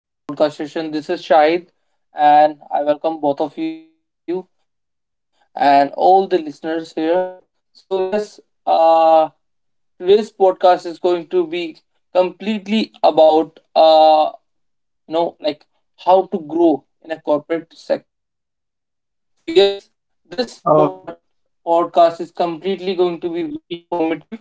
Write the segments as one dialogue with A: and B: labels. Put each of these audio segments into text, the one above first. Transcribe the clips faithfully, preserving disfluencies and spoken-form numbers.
A: Hello, guys. Uh, welcome to my podcast session. This is Shahid, and I welcome both of you and all the listeners here. So, yes, uh, today's podcast is going to be completely about uh, you know like how to grow in a corporate sector. Okay, so yes, this
B: Uh,
A: podcast podcast is completely going to be very informative.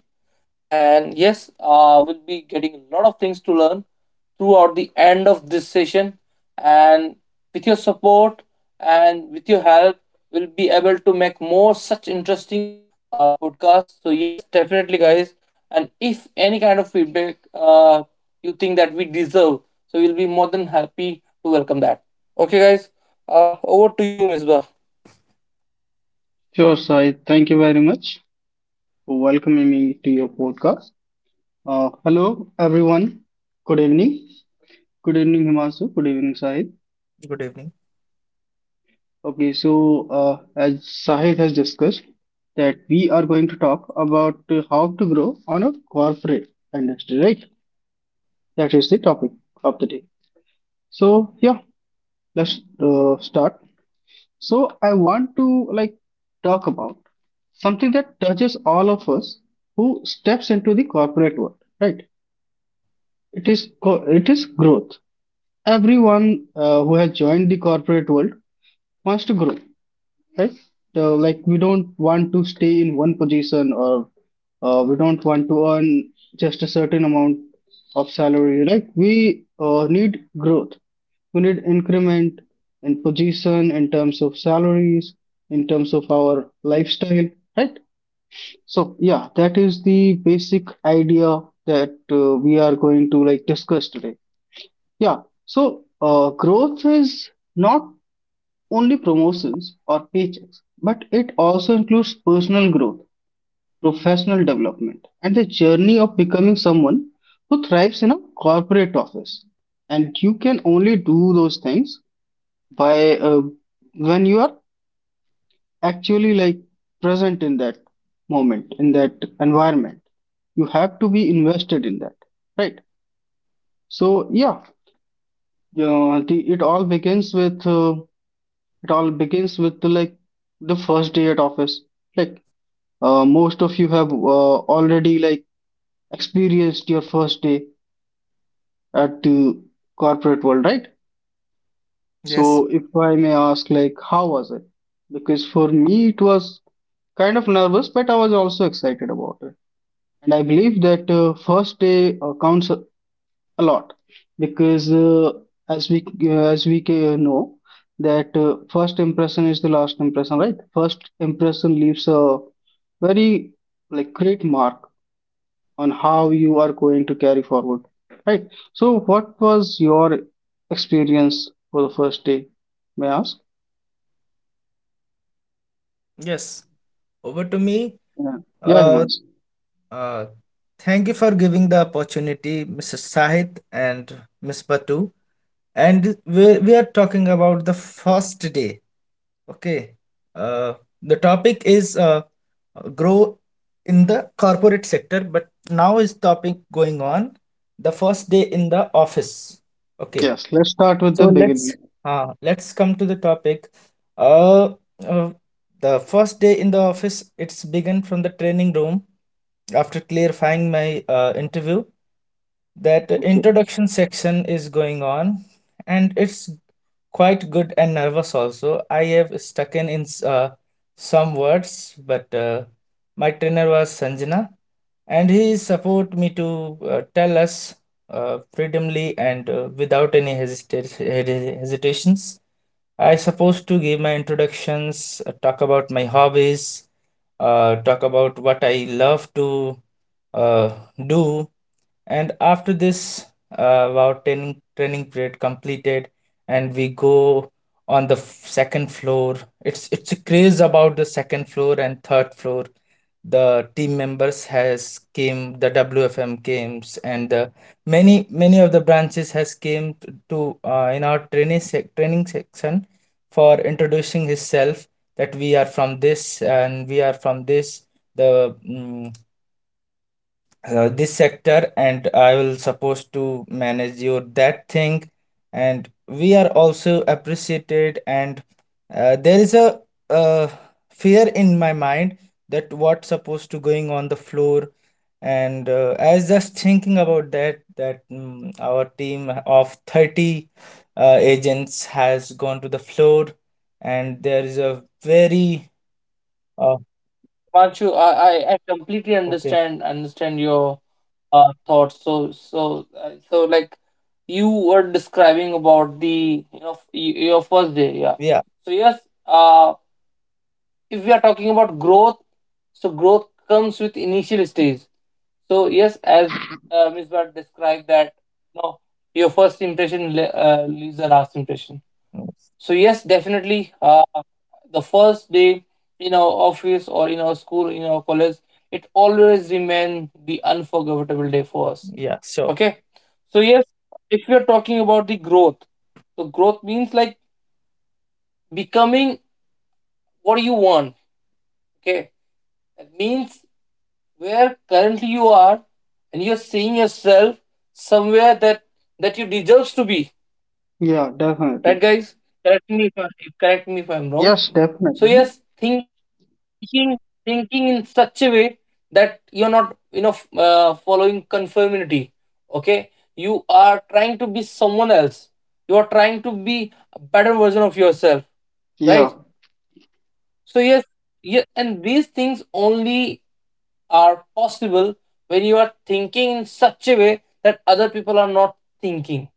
A: And yes, uh, we'll be getting a lot of things to learn throughout the end of this session. And with your support and with your help, we'll be able to make more such interesting uh, podcasts. So, yes, definitely, guys. And if any kind of feedback uh, you think that we deserve, so we'll be more than happy to welcome that. Okay, guys, uh, over to you, Misbah.
B: sure, Sai. Thank you very much for welcoming me to your podcast. Uh, hello, everyone. Good evening. Good evening, Himanshu. Good evening, Sahid.
C: Good evening.
B: Okay, so uh, as Sahid has
A: Good
B: discussed,
A: evening.
B: that we are going to talk about uh, how to grow on a corporate industry, right? That is the topic of the day. So yeah, let's uh, start. So I want to like talk about something that touches all of us who steps into the corporate world, right? It is co- it is growth. Everyone uh, who has joined the corporate world wants to grow, right? So like we don't want to stay in one position, or uh, we don't want to earn just a certain amount of salary, right? We uh, need growth. We need increment in position, in terms of salaries, in terms of our lifestyle, right? So yeah, that is the basic idea that uh, we are going to like discuss today. Yeah. So uh, growth is not only promotions or paychecks, but it also includes personal growth, professional development, and the journey of becoming someone who thrives in a corporate office. And you can only do those things by uh, when you are actually like present in that moment, in that environment. You have to be invested in that, right? So yeah, uh, the, it all begins with uh, it all begins with like the first day at office, like. Uh, most of you have uh, already like experienced your first day at the corporate world, right?
C: Yes.
B: So if I may ask, like, how was it? Because for me, it was kind of nervous, but I was also excited about it. And I believe that uh, first day uh, counts a a lot because uh, as we uh, as we ca- know that uh, first impression is the last impression, right? First impression leaves a very like great mark on how you are going to carry forward, right? So what was your experience for the first day, may I ask?
C: Yes, over to me.
B: Yeah, yeah,
C: Uh,
B: Himanshu.
C: uh, thank you for giving the opportunity, Missus Sahit and Miss Batu. And we, we are talking about the first day. Okay. Uh, the topic is uh, grow in the corporate sector, but now is topic going on the first day in the office. Okay.
B: Yes, let's start with
C: So
B: the
C: let's
B: beginning.
C: uh, let's come to the topic. Uh, uh, the first day in the office, it's begun from the training room. After clarifying my uh, interview, that
B: Okay.
C: introduction section is going on, and it's quite good and nervous also. I have stuck in, in s- uh, some words, but uh, my trainer was Sanjana, and he support me to uh, tell us uh, freedomly and uh, without any hesita- hesi- hesitations. I supposed to give my introductions, uh, talk about my hobbies, uh, talk about what I love to uh, do. And after this, uh, our training training period completed, and we go on the f- second floor. It's it's a craze about the second floor and third floor. The team members has came, the wfm came, and uh, many many of the branches has came t- to uh, in our training sec- training section for introducing himself, that we are from this and we are from this, the mm, uh, this sector, and I will supposed to manage your that thing. And we are also appreciated, and uh, there is a uh, fear in my mind that what's supposed to going on the floor. And uh, I was just thinking about that that mm, our team of thirty uh, agents has gone to the floor. And there is a very, uh,
A: Yeah, yeah, yeah. Himanshu, I, I, I completely
C: okay.
A: understand understand your uh, thoughts. So, so, uh, so, like you were describing about the you know f- y- your first day, yeah.
C: Yeah,
A: So yes, uh, if we are talking about growth, so growth comes with initial stage. So yes, as uh, Miss Bhatt described that, you know, your first impression le- uh, leaves the last impression. So yes, definitely, uh, the first day in our office or in our school, in our college, it always remain the unforgettable day for us.
C: yeah, sure.
A: Okay. So, yes, if we are talking about the growth, so growth means like becoming what you want. Okay. That means where currently you are and you're seeing yourself somewhere that that deserves to be.
B: Yeah,
A: Right,
B: definitely.
A: guys? Correct me if I, Correct me if I'm wrong.
B: Yes,
A: So
B: definitely.
A: yes, thinking thinking in such a way that you're not you know f- uh, following conformity. Okay, you are trying to be someone else, you are trying to be a better version of yourself,
B: Yeah.
A: right? So yes, yeah, and these things only are possible when you are thinking in such a way that other people are not thinking,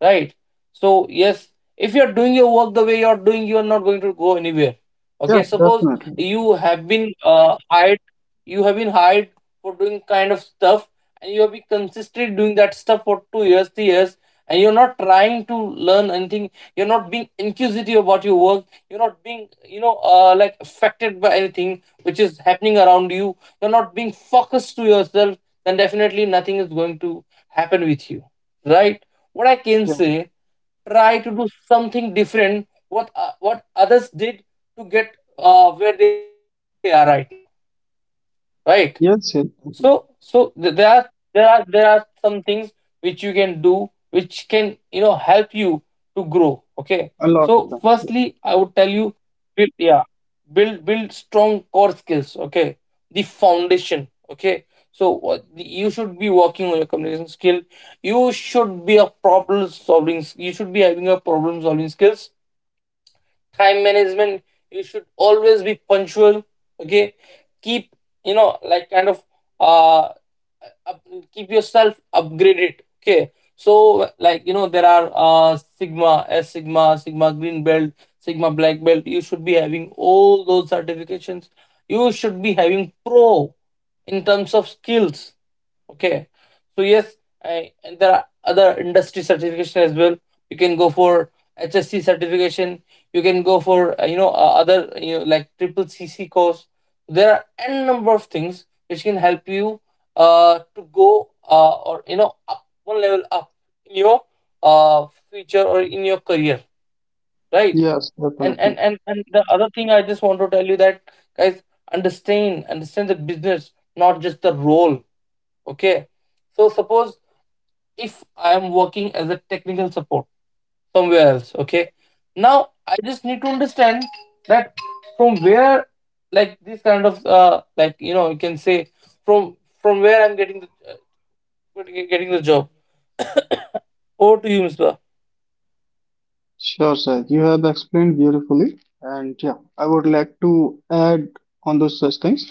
A: right? So yes, if you're doing your work the way you're doing, you're not going to go anywhere.
B: Yes,
A: Okay, suppose
B: definitely.
A: you have been uh, hired you have been hired for doing kind of stuff, and you have been consistently doing that stuff for two years three years, and you're not trying to learn anything, you're not being inquisitive about your work, you're not being you know uh, like affected by anything which is happening around you, you're not being focused to yourself, then definitely nothing is going to happen with you, right? What I can
B: Yes, yes.
A: say, try to do something different what uh, what others did to get uh, where they are right now, right?
B: Yes, definitely.
A: So so th- there are there are there are some things which you can do which can you know help you to grow. Okay,
B: A lot of
A: so
B: times.
A: firstly I would tell you, build yeah build build strong core skills. Okay, the foundation. Okay, so what the- you should be working on your communication skill, you should be a problem solving, you should be having a problem solving skills, time management, you should always be punctual. Okay, keep you know like kind of uh up, keep yourself upgraded. Okay, so like you, there are uh sigma s sigma sigma green belt, sigma black belt, you should be having all those certifications, you should be having pro in terms of skills. Okay, so yes, I, and there are other industry certification as well. You can go for hsc certification, you can go for uh, you know uh, other you know like triple cc course. There are n number of things which can help you uh to go uh or you know up one level up in your uh future or in your career, right?
B: Yes,
A: and
B: definitely.
A: and and, and the other thing I just want to tell you, that guys, understand understand the business, not just the role. Okay, so suppose if I am working as a technical support somewhere else. Okay, now I just need to understand that from where, like this kind of uh, like you know you can say, from from where I'm getting the uh, getting the job. Over to you, Misbah.
B: Sure, sir. You have explained beautifully, and yeah, I would like to add on those such things.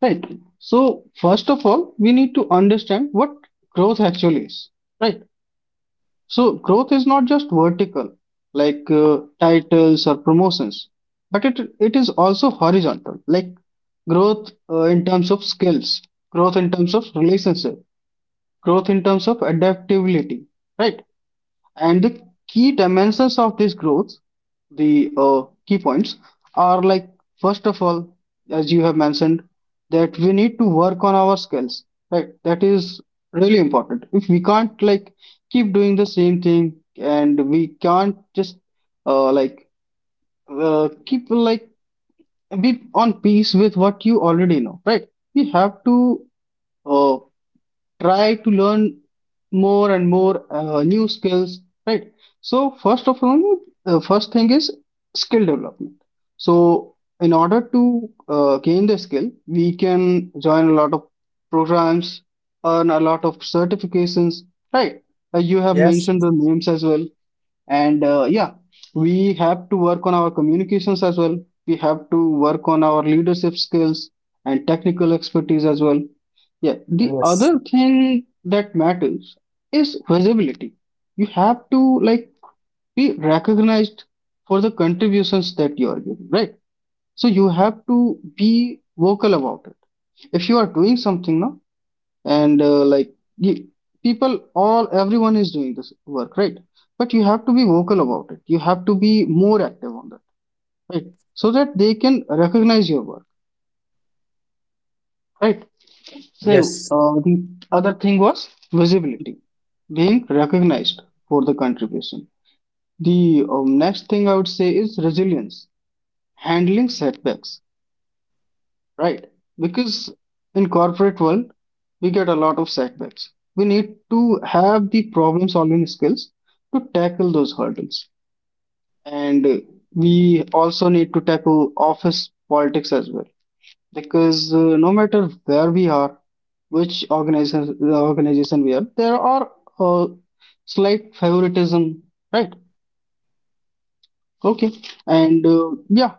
B: Right. So, first of all, we need to understand what growth actually is. Right. So, growth is not just vertical, like uh, titles or promotions, but it it is also horizontal, like growth uh, in terms of skills, growth in terms of relationship, growth in terms of adaptability. Right. And the key dimensions of this growth, the uh, key points, are like first of all, as you have mentioned, that we need to work on our skills. Right, that is really important. If we can't like keep doing the same thing, and we can't just uh, like uh, keep like be on peace with what you already know. Right, we have to. Uh, Try to learn more and more uh, new skills, right? So first of all, the first thing is skill development. So in order to uh, gain the skill, we can join a lot of programs, earn a lot of certifications, right? Uh, you have
C: Yes,
B: mentioned the names as well, and uh, yeah, we have to work on our communications as well, we have to work on our leadership skills and technical expertise as well. Yeah, the
C: yes.
B: other thing that matters is visibility. You have to like be recognized for the contributions that you are giving, right? So you have to be vocal about it. If you are doing something now, and uh, like you, people all everyone is doing this work, right? But you have to be vocal about it, you have to be more active on that, right? So that they can recognize your work, right? So
C: Yes.
B: uh, the other thing was
A: Exactly,
B: visibility,
A: exactly.
B: being recognized for the contribution. The um, next thing I would say is resilience, handling setbacks. Right. Because in corporate world, we get a lot of setbacks. We need to have the problem solving skills to tackle those hurdles. And uh, we also need to tackle office politics as well. Because uh, no matter where we are, which organization, the organization we are, there are uh, slight favoritism, right? Okay. And uh, yeah,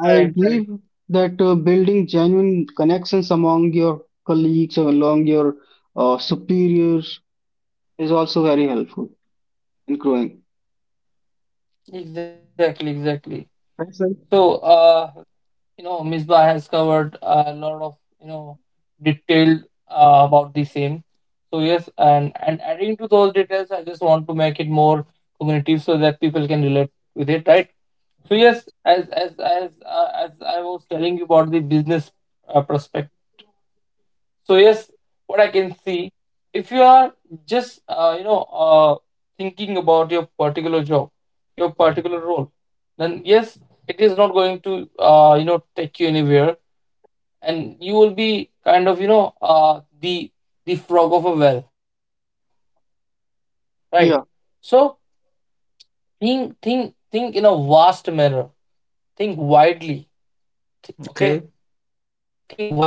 B: I
A: Right,
B: believe
A: right, right.
B: that uh, building genuine connections among your colleagues or along your uh, superiors is also very helpful in growing.
A: Exactly, exactly.
B: That's right.
A: So uh you know, Misbah has covered a you know detailed uh, about the same. So yes, and and adding to those details, I just want to make it more cognitive so that people can relate with it, right? So yes, as as as uh, as I was telling you about the business uh, prospect. So yes, what I can see, if you are just uh, you know uh, thinking about your particular job, your particular role, then yes, it is not going to uh, you know take you anywhere, and you will be kind of you know uh the the frog of a well, right?
B: Yeah,
A: So think think think in a vast manner, think widely. Th-
C: Okay,
A: okay, think wisely.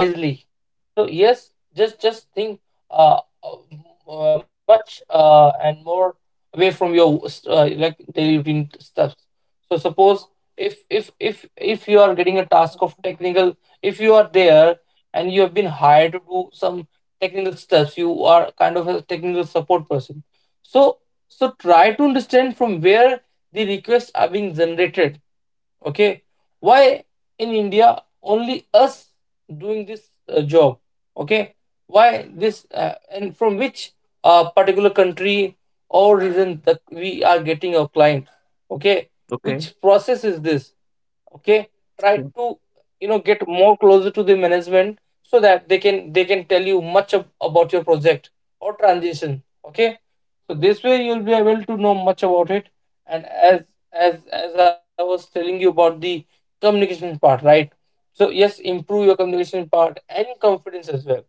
A: So yes, just just think, uh, uh much uh and more away from your uh, like daily routine stuff. So suppose if if if if you are getting a task of technical, if you are there been hired to do some technical stuff, you are kind of a technical support person. So so try to understand from where the requests are being generated. Okay, why in india only us doing this uh, job. Okay, why this uh, and from which uh, particular country that we are getting our client. Okay, which
C: okay,
A: process is this. Okay, try
C: Okay.
A: to you know get more closer to the management so that they can they can tell you much ab- about your project transition. Okay, so this way you'll be able to know much about it. And as as as I was telling you about the communication part, right? So yes, improve your communication part and confidence as well.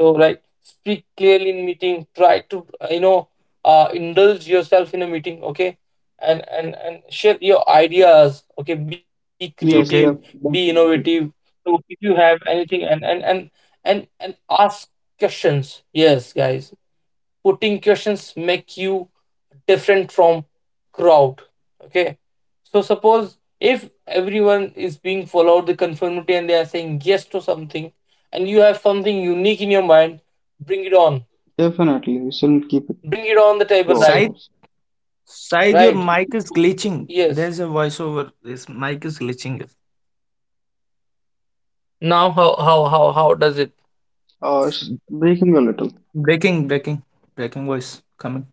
A: So like speak clearly in meeting, try to uh, you know uh, indulge yourself in a meeting. Okay, and and and share your ideas. Okay, be creative,
B: yes,
C: okay.
A: be
B: def-
A: innovative.
B: definitely.
A: So if you have anything, and and and and, and ask questions. Yes, guys, putting questions make you different from crowd. Okay, so suppose if everyone is being followed the conformity and they are saying yes to something, and you have something unique in your mind, bring it on,
B: Definitely, we
A: bring
B: shouldn't
A: it
B: keep
A: on
B: it
A: the table, right?
B: to
C: Side,
B: ourselves.
A: Right.
C: side, your mic is glitching.
A: Yes,
C: There's a voiceover. This mic is glitching.
A: now how how how how does it.
B: Uh,
C: It's
B: it's breaking a little.
C: Breaking, breaking, breaking voice coming.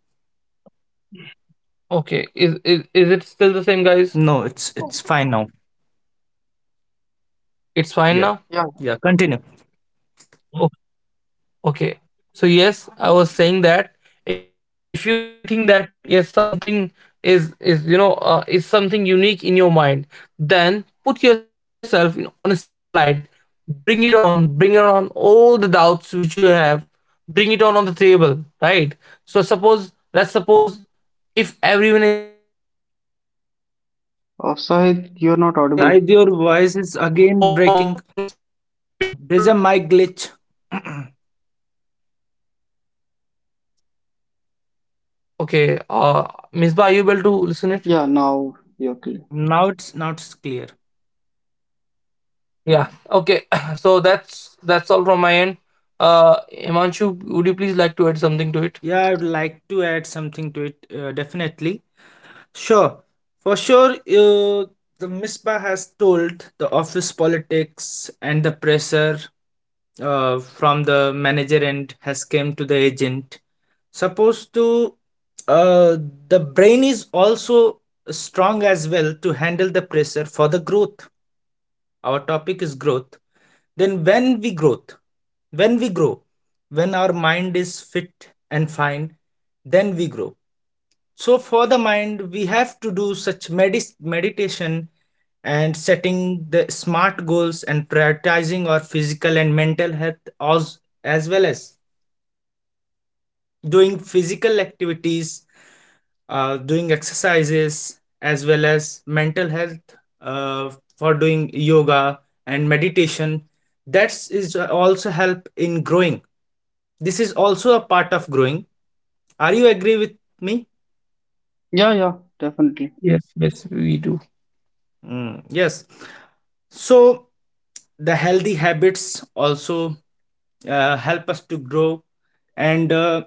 A: Okay. Is, is is it still the same, guys?
C: No, it's it's
B: Oh,
C: fine now.
A: It's fine
C: Yeah,
A: now?
B: yeah.
C: yeah. Continue.
A: Okay. So yes, I was saying that if you really think that yes, something is is you know uh, is something unique in your mind, then put yourself in, on a spotlight. Bring it on. Bring it on all the doubts which you have. Bring it on on the table, right? So suppose Let's suppose if everyone is being you know uh, like uh, being followed to the conformity
B: Uh,
A: and they are saying
B: Sahid, you're
A: yes
B: not
A: or
B: audible.
C: Side,
A: no
C: your
A: to
C: voice
A: things
C: is
A: which have
C: again
A: been told.
C: breaking. There's a mic glitch.
A: Okay, uh, Misbah, are you able to listen it?
B: Yeah, now you're clear.
C: now it's now it's clear.
A: Yeah. Okay. So that's that's all from my end. Uh, Himanshu, would you please like to add something to it?
C: Yeah, I would like to add something to it. Uh, definitely. Sure, for sure, uh, the Misbah has told the office politics and the pressure uh, from the manager and has came to the agent. Supposed to, uh, the brain is also strong as well to handle the pressure for the growth. Our topic is growth. Then when we growth, when we grow, when our mind is fit and fine, then we grow. So for the mind, we have to do such medis meditation and setting the smart goals and prioritizing our physical and mental health, as, as well as doing physical activities, uh, doing exercises, as well as mental health uh, for doing yoga and meditation. That is uh, also help in growing. This is also a part of growing. Are you agree with me?
B: Yeah, yeah, definitely.
A: Yes, yes, we do.
C: Mm, yes. So, the healthy habits also uh, help us to grow. And uh,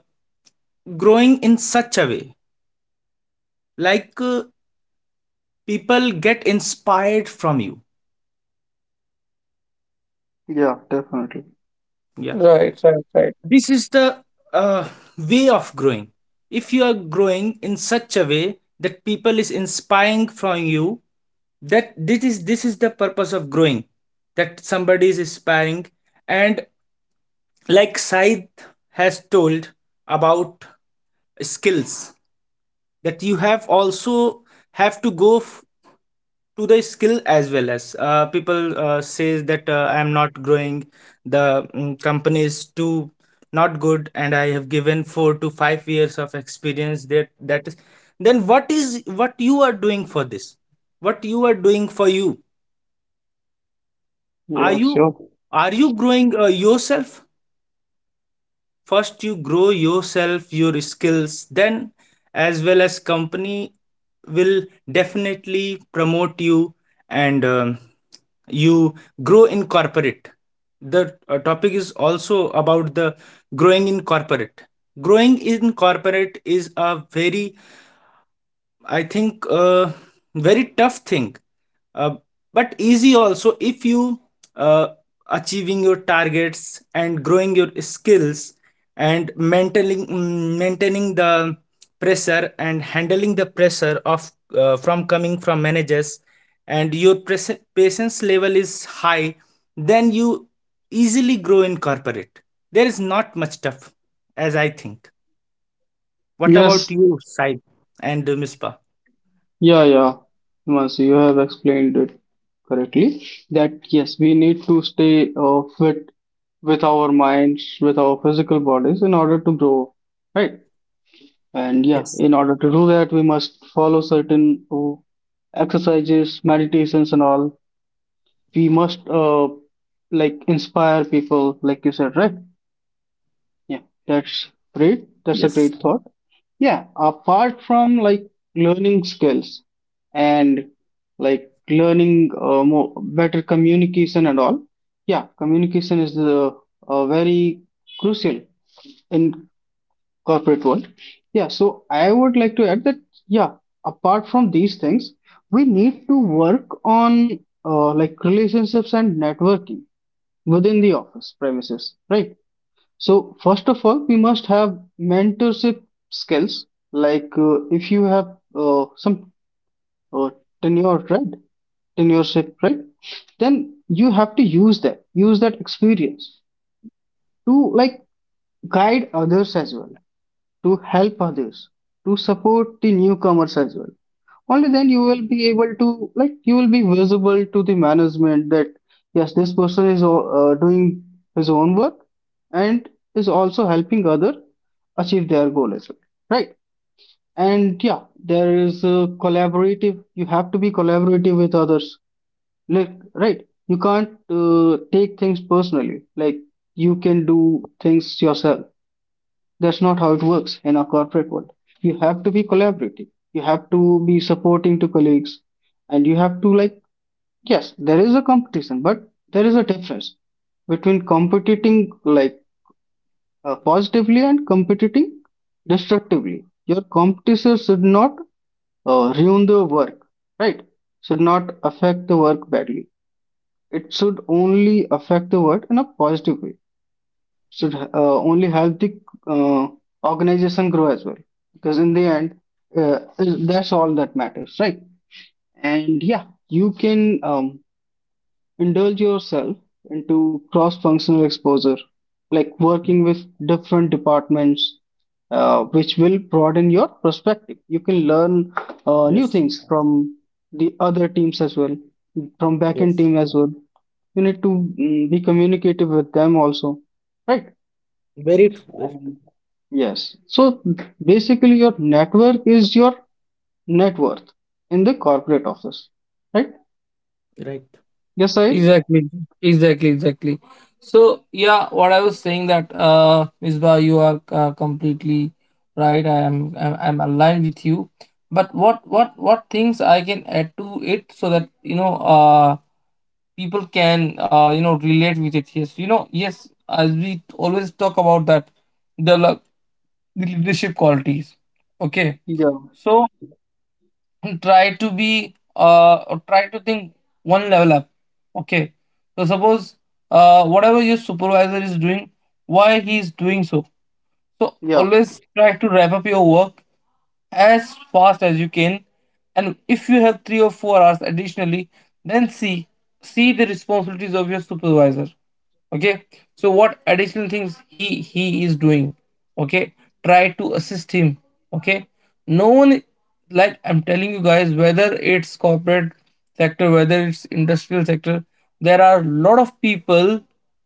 C: growing in such a way, like uh, people get inspired from you.
B: Yeah, definitely.
C: Yeah.
A: Right, right, right.
C: This is the uh, way of growing. If you are growing in such a way that people is inspiring from you, that this is this is the purpose of growing, that somebody is inspiring. And like Said has told about skills, that you have also have to go f- to the skill, as well as uh, people uh, says that, uh, I am not growing, the mm, company is too not good, and I have given four to five years of experience. That that is then, what is what you are doing for this, what you are doing for you?
B: Yes,
C: Are
B: yeah,
C: you,
B: sure.
C: are you growing uh, yourself? First you grow yourself, your skills, then as well as company will definitely promote you. And um, you grow in corporate. The uh, topic is also about the growing in corporate. Growing in corporate is a very, I think, uh, very tough thing, uh, but easy also if you uh, achieving your targets and growing your skills, and maintaining mm, maintaining the pressure, and handling the pressure of uh, from coming from managers, and your pres- patience level is high, then you easily grow in corporate. There is not much tough, as I think. What about
B: Yes,
C: you, Saib, and uh, mispa?
B: yeah, yeah, Mas, you have explained it correctly. That yes, we need to stay uh, fit with our minds, with our physical bodies in order to grow, right? And yeah,
C: Yes,
B: in order to do that, we must follow certain uh, exercises, meditations, and all. We must uh, like inspire people, like you said, right? Yeah, that's great. That's a
C: yes.
B: great thought. Yeah, apart from like learning skills and like learning uh, more better communication and all, yeah, communication is the uh, very crucial in corporate world. Yeah, so I would like to add that yeah, apart from these things, we need to work on uh, like relationships and networking within the office premises, right? So first of all, we must have mentorship skills. Like uh, if you have uh, some uh, tenure, right? Tenureship, right? Then you have to use that, use that experience to like guide others as well, to help others, to support the newcomers as well. Only then you will be able to, like, you will be visible to the management that yes, this person is uh, doing his own work and is also helping other achieve their goal as well, right? And yeah, there is a collaborative. You have to be collaborative with others, like, right? You can't uh, take things personally. Like you can do things yourself. That's not how it works in our corporate world. You have to be collaborative. You have to be supporting to colleagues, and you have to like yes, there is a competition, but there is a difference between competing like uh, positively and competing destructively. Your competition should not uh, ruin the work, right? Should not affect the work badly. It should only affect the work in a positive way, should uh, only help the uh, organization grow as well, because in the end uh, is- that's all that matters, right? And yeah, you can um, indulge yourself into cross functional exposure, like working with different departments, uh, which will broaden your perspective. You can learn uh, new
C: Yes,
B: things from the other teams as well, from backend
C: yes,
B: team as well. You need to mm, be communicative with them also, right?
C: very true.
B: Yes. So basically, your network is your net worth in the corporate office, right?
C: Right.
B: Yes, I.
A: Exactly, exactly, exactly. So yeah, what I was saying that uh, Misbah, you are uh, completely right. I am, I'm, I'm aligned with you. But what, what, what things I can add to it so that you know, uh, people can uh, you know, relate with it. Yes, you know, yes. As we always talk about that, the, le- the leadership qualities. Okay,
B: Yeah.
A: so and try to be uh or try to think one level up. Okay, so suppose uh whatever your supervisor is doing, why he is doing so, so
B: Yeah.
A: always try to wrap up your work as fast as you can. And if you have three or four hours additionally, then see see the responsibilities of your supervisor. Okay. So what additional things he he is doing. Okay. Try to assist him. Okay. No one, like I'm telling you guys, whether it's corporate sector, whether it's industrial sector, there are a lot of people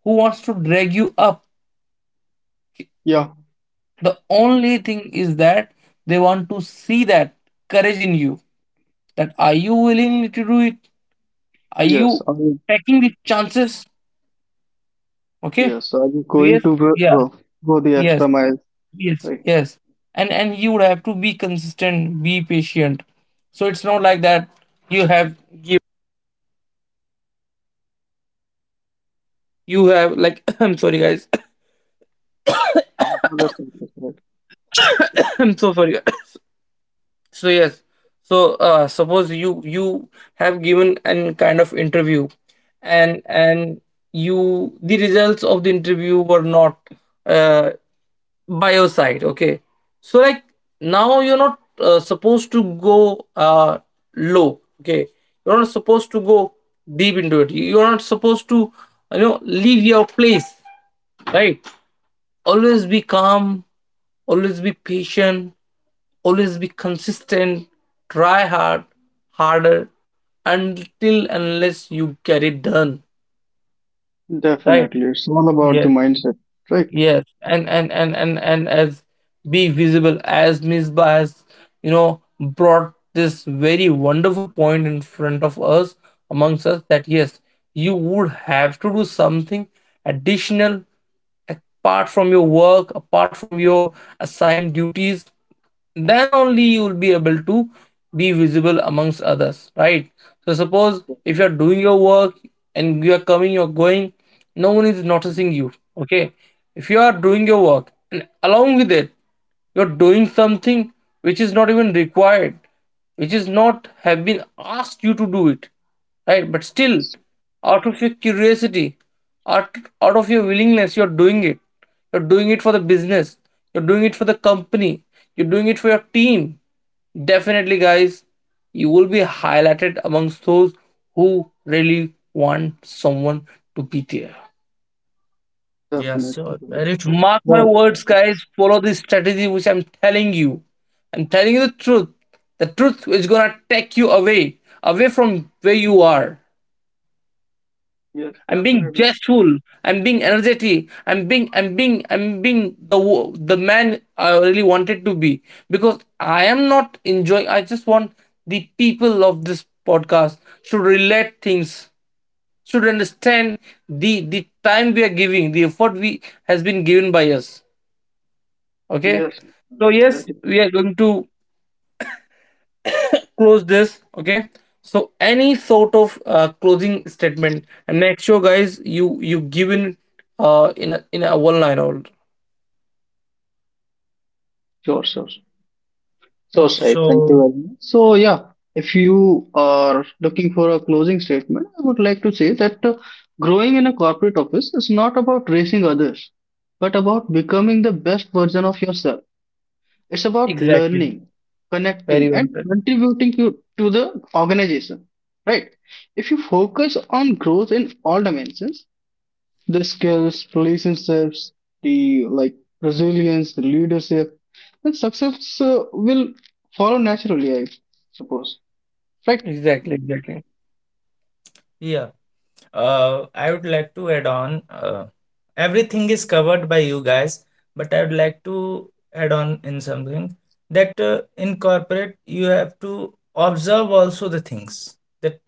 A: who wants to drag you up.
B: Yeah.
A: The only thing is that they want to see that courage in you. That are you willing to do it? Are
B: Yes.
A: you
B: Are you,
A: taking the chances? Okay.
B: yes. Are you going
A: Yes.
B: to go,
A: Yeah.
B: go go the
A: Yes.
B: extra mile?
A: Yes.
B: Right.
A: Yes. And and you would have to be consistent, be patient. So it's not like that you have you have like I'm sorry, guys.
B: Oh, that's interesting, right.
A: I'm so sorry. So yes, so uh, suppose you you have given an kind of interview, and and you, the results of the interview were not uh, by your side. Okay, so like now you're not uh, supposed to go uh, low. Okay, you're not supposed to go deep into it. You're not supposed to you know leave your place. Right. Always be calm. Always be patient, always be consistent, try hard, harder, until unless you get it done. Right?
B: Definitely. It's all about the
A: Yes.
B: mindset, right?
A: Yes. And and and and and as be visible, as Miss Bias, you know, brought this very wonderful point in front of us, amongst us, that yes, you would have to do something additional apart from your work, apart from your assigned duties, then only you will be able to be visible amongst others, right? So suppose if you're doing your work and you're coming you're going, no one is noticing you. Okay, if you are doing your work, and along with it you're doing something which is not even required, which is not have been asked you to do it, right? But still,
B: Yes.
A: out of your curiosity, out, out of your willingness, you're doing it. You're doing it for the business, you're doing it for the company, you're doing it for your team. Definitely, guys, you will be highlighted amongst those who really want someone to be there.
C: Yes, so
B: Definitely.
C: very true.
A: Mark my
B: Right.
A: words,
B: Yeah.
A: guys, follow this strategy which I'm telling you. I'm telling you the truth. The truth is gonna take you away, away from where you are.
B: Yes,
A: I'm being
B: definitely.
A: jestful. I'm being energetic. I'm being I'm being I'm being the wo- the man I really wanted to be, because I am not enjoying. I just want the people of this podcast should relate things, should understand the the time we are giving, the effort we has been given by us. Okay,
B: Yes.
A: so yes,
B: That is
A: we are going to close this. Okay, so any sort of uh, closing statement, and make sure guys you you give in uh in a in a one line or,
B: sure, sure. Sure,
A: okay.
B: Syed. Thank you
C: So,
B: very much. So, yeah, if you are looking for a closing statement, I would like to say that uh, growing in a corporate office is not about racing others, but about becoming the best version of yourself. It's about
A: Exactly.
B: learning, connecting,
A: Very well
B: and
A: said.
B: contributing to, to the organization, right? If you focus on growth in all dimensions, the skills, relationships, the like resilience, the leadership, and success uh, will follow naturally, I suppose. Right?
A: Exactly, exactly.
C: yeah, uh, I would like to add on. Uh, everything is covered by you guys, but I would like to add on in something, that uh, in corporate you have to observe also the things, that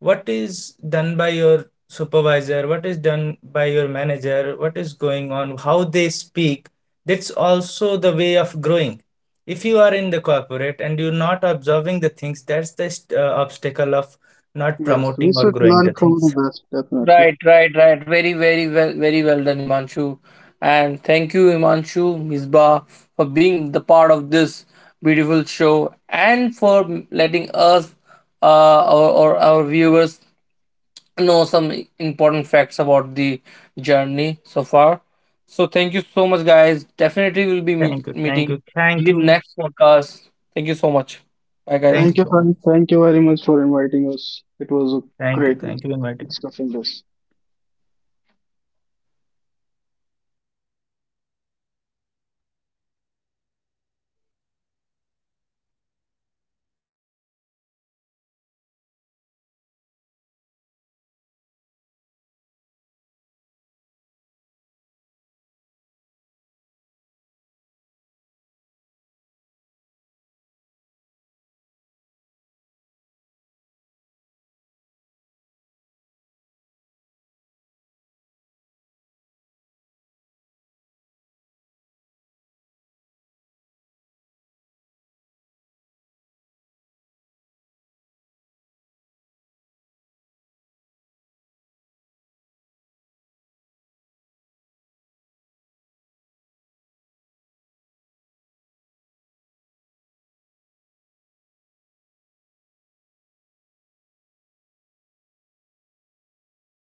C: what is done by your supervisor, what is done by your manager, what is going on, how they speak. That's also the way of growing. If you are in the corporate and you're not observing the things, that's the st- uh, obstacle of not
B: Yes, we
C: promoting or
B: should
C: growing
B: learn
C: the
B: from the
C: things.
B: best, definitely.
A: Right, right, right. Very very well, very well done, Imanshu. And thank you, Imanshu, Misbah, for being the part of this beautiful show, and for letting us uh, our or our viewers know some important facts about the journey so far. So thank you so much, guys. Definitely we'll be
C: thank you
A: meet-
C: thank
A: meeting
C: you
A: in
C: thank
A: the
C: you.
A: next podcast. Thank you so much. Bye, guys.
C: Thank you
B: Thank you,
C: so much.
B: Frank. Thank you very much for inviting us. It was a
C: thank you
B: great
C: thank you inviting.
B: discussing this.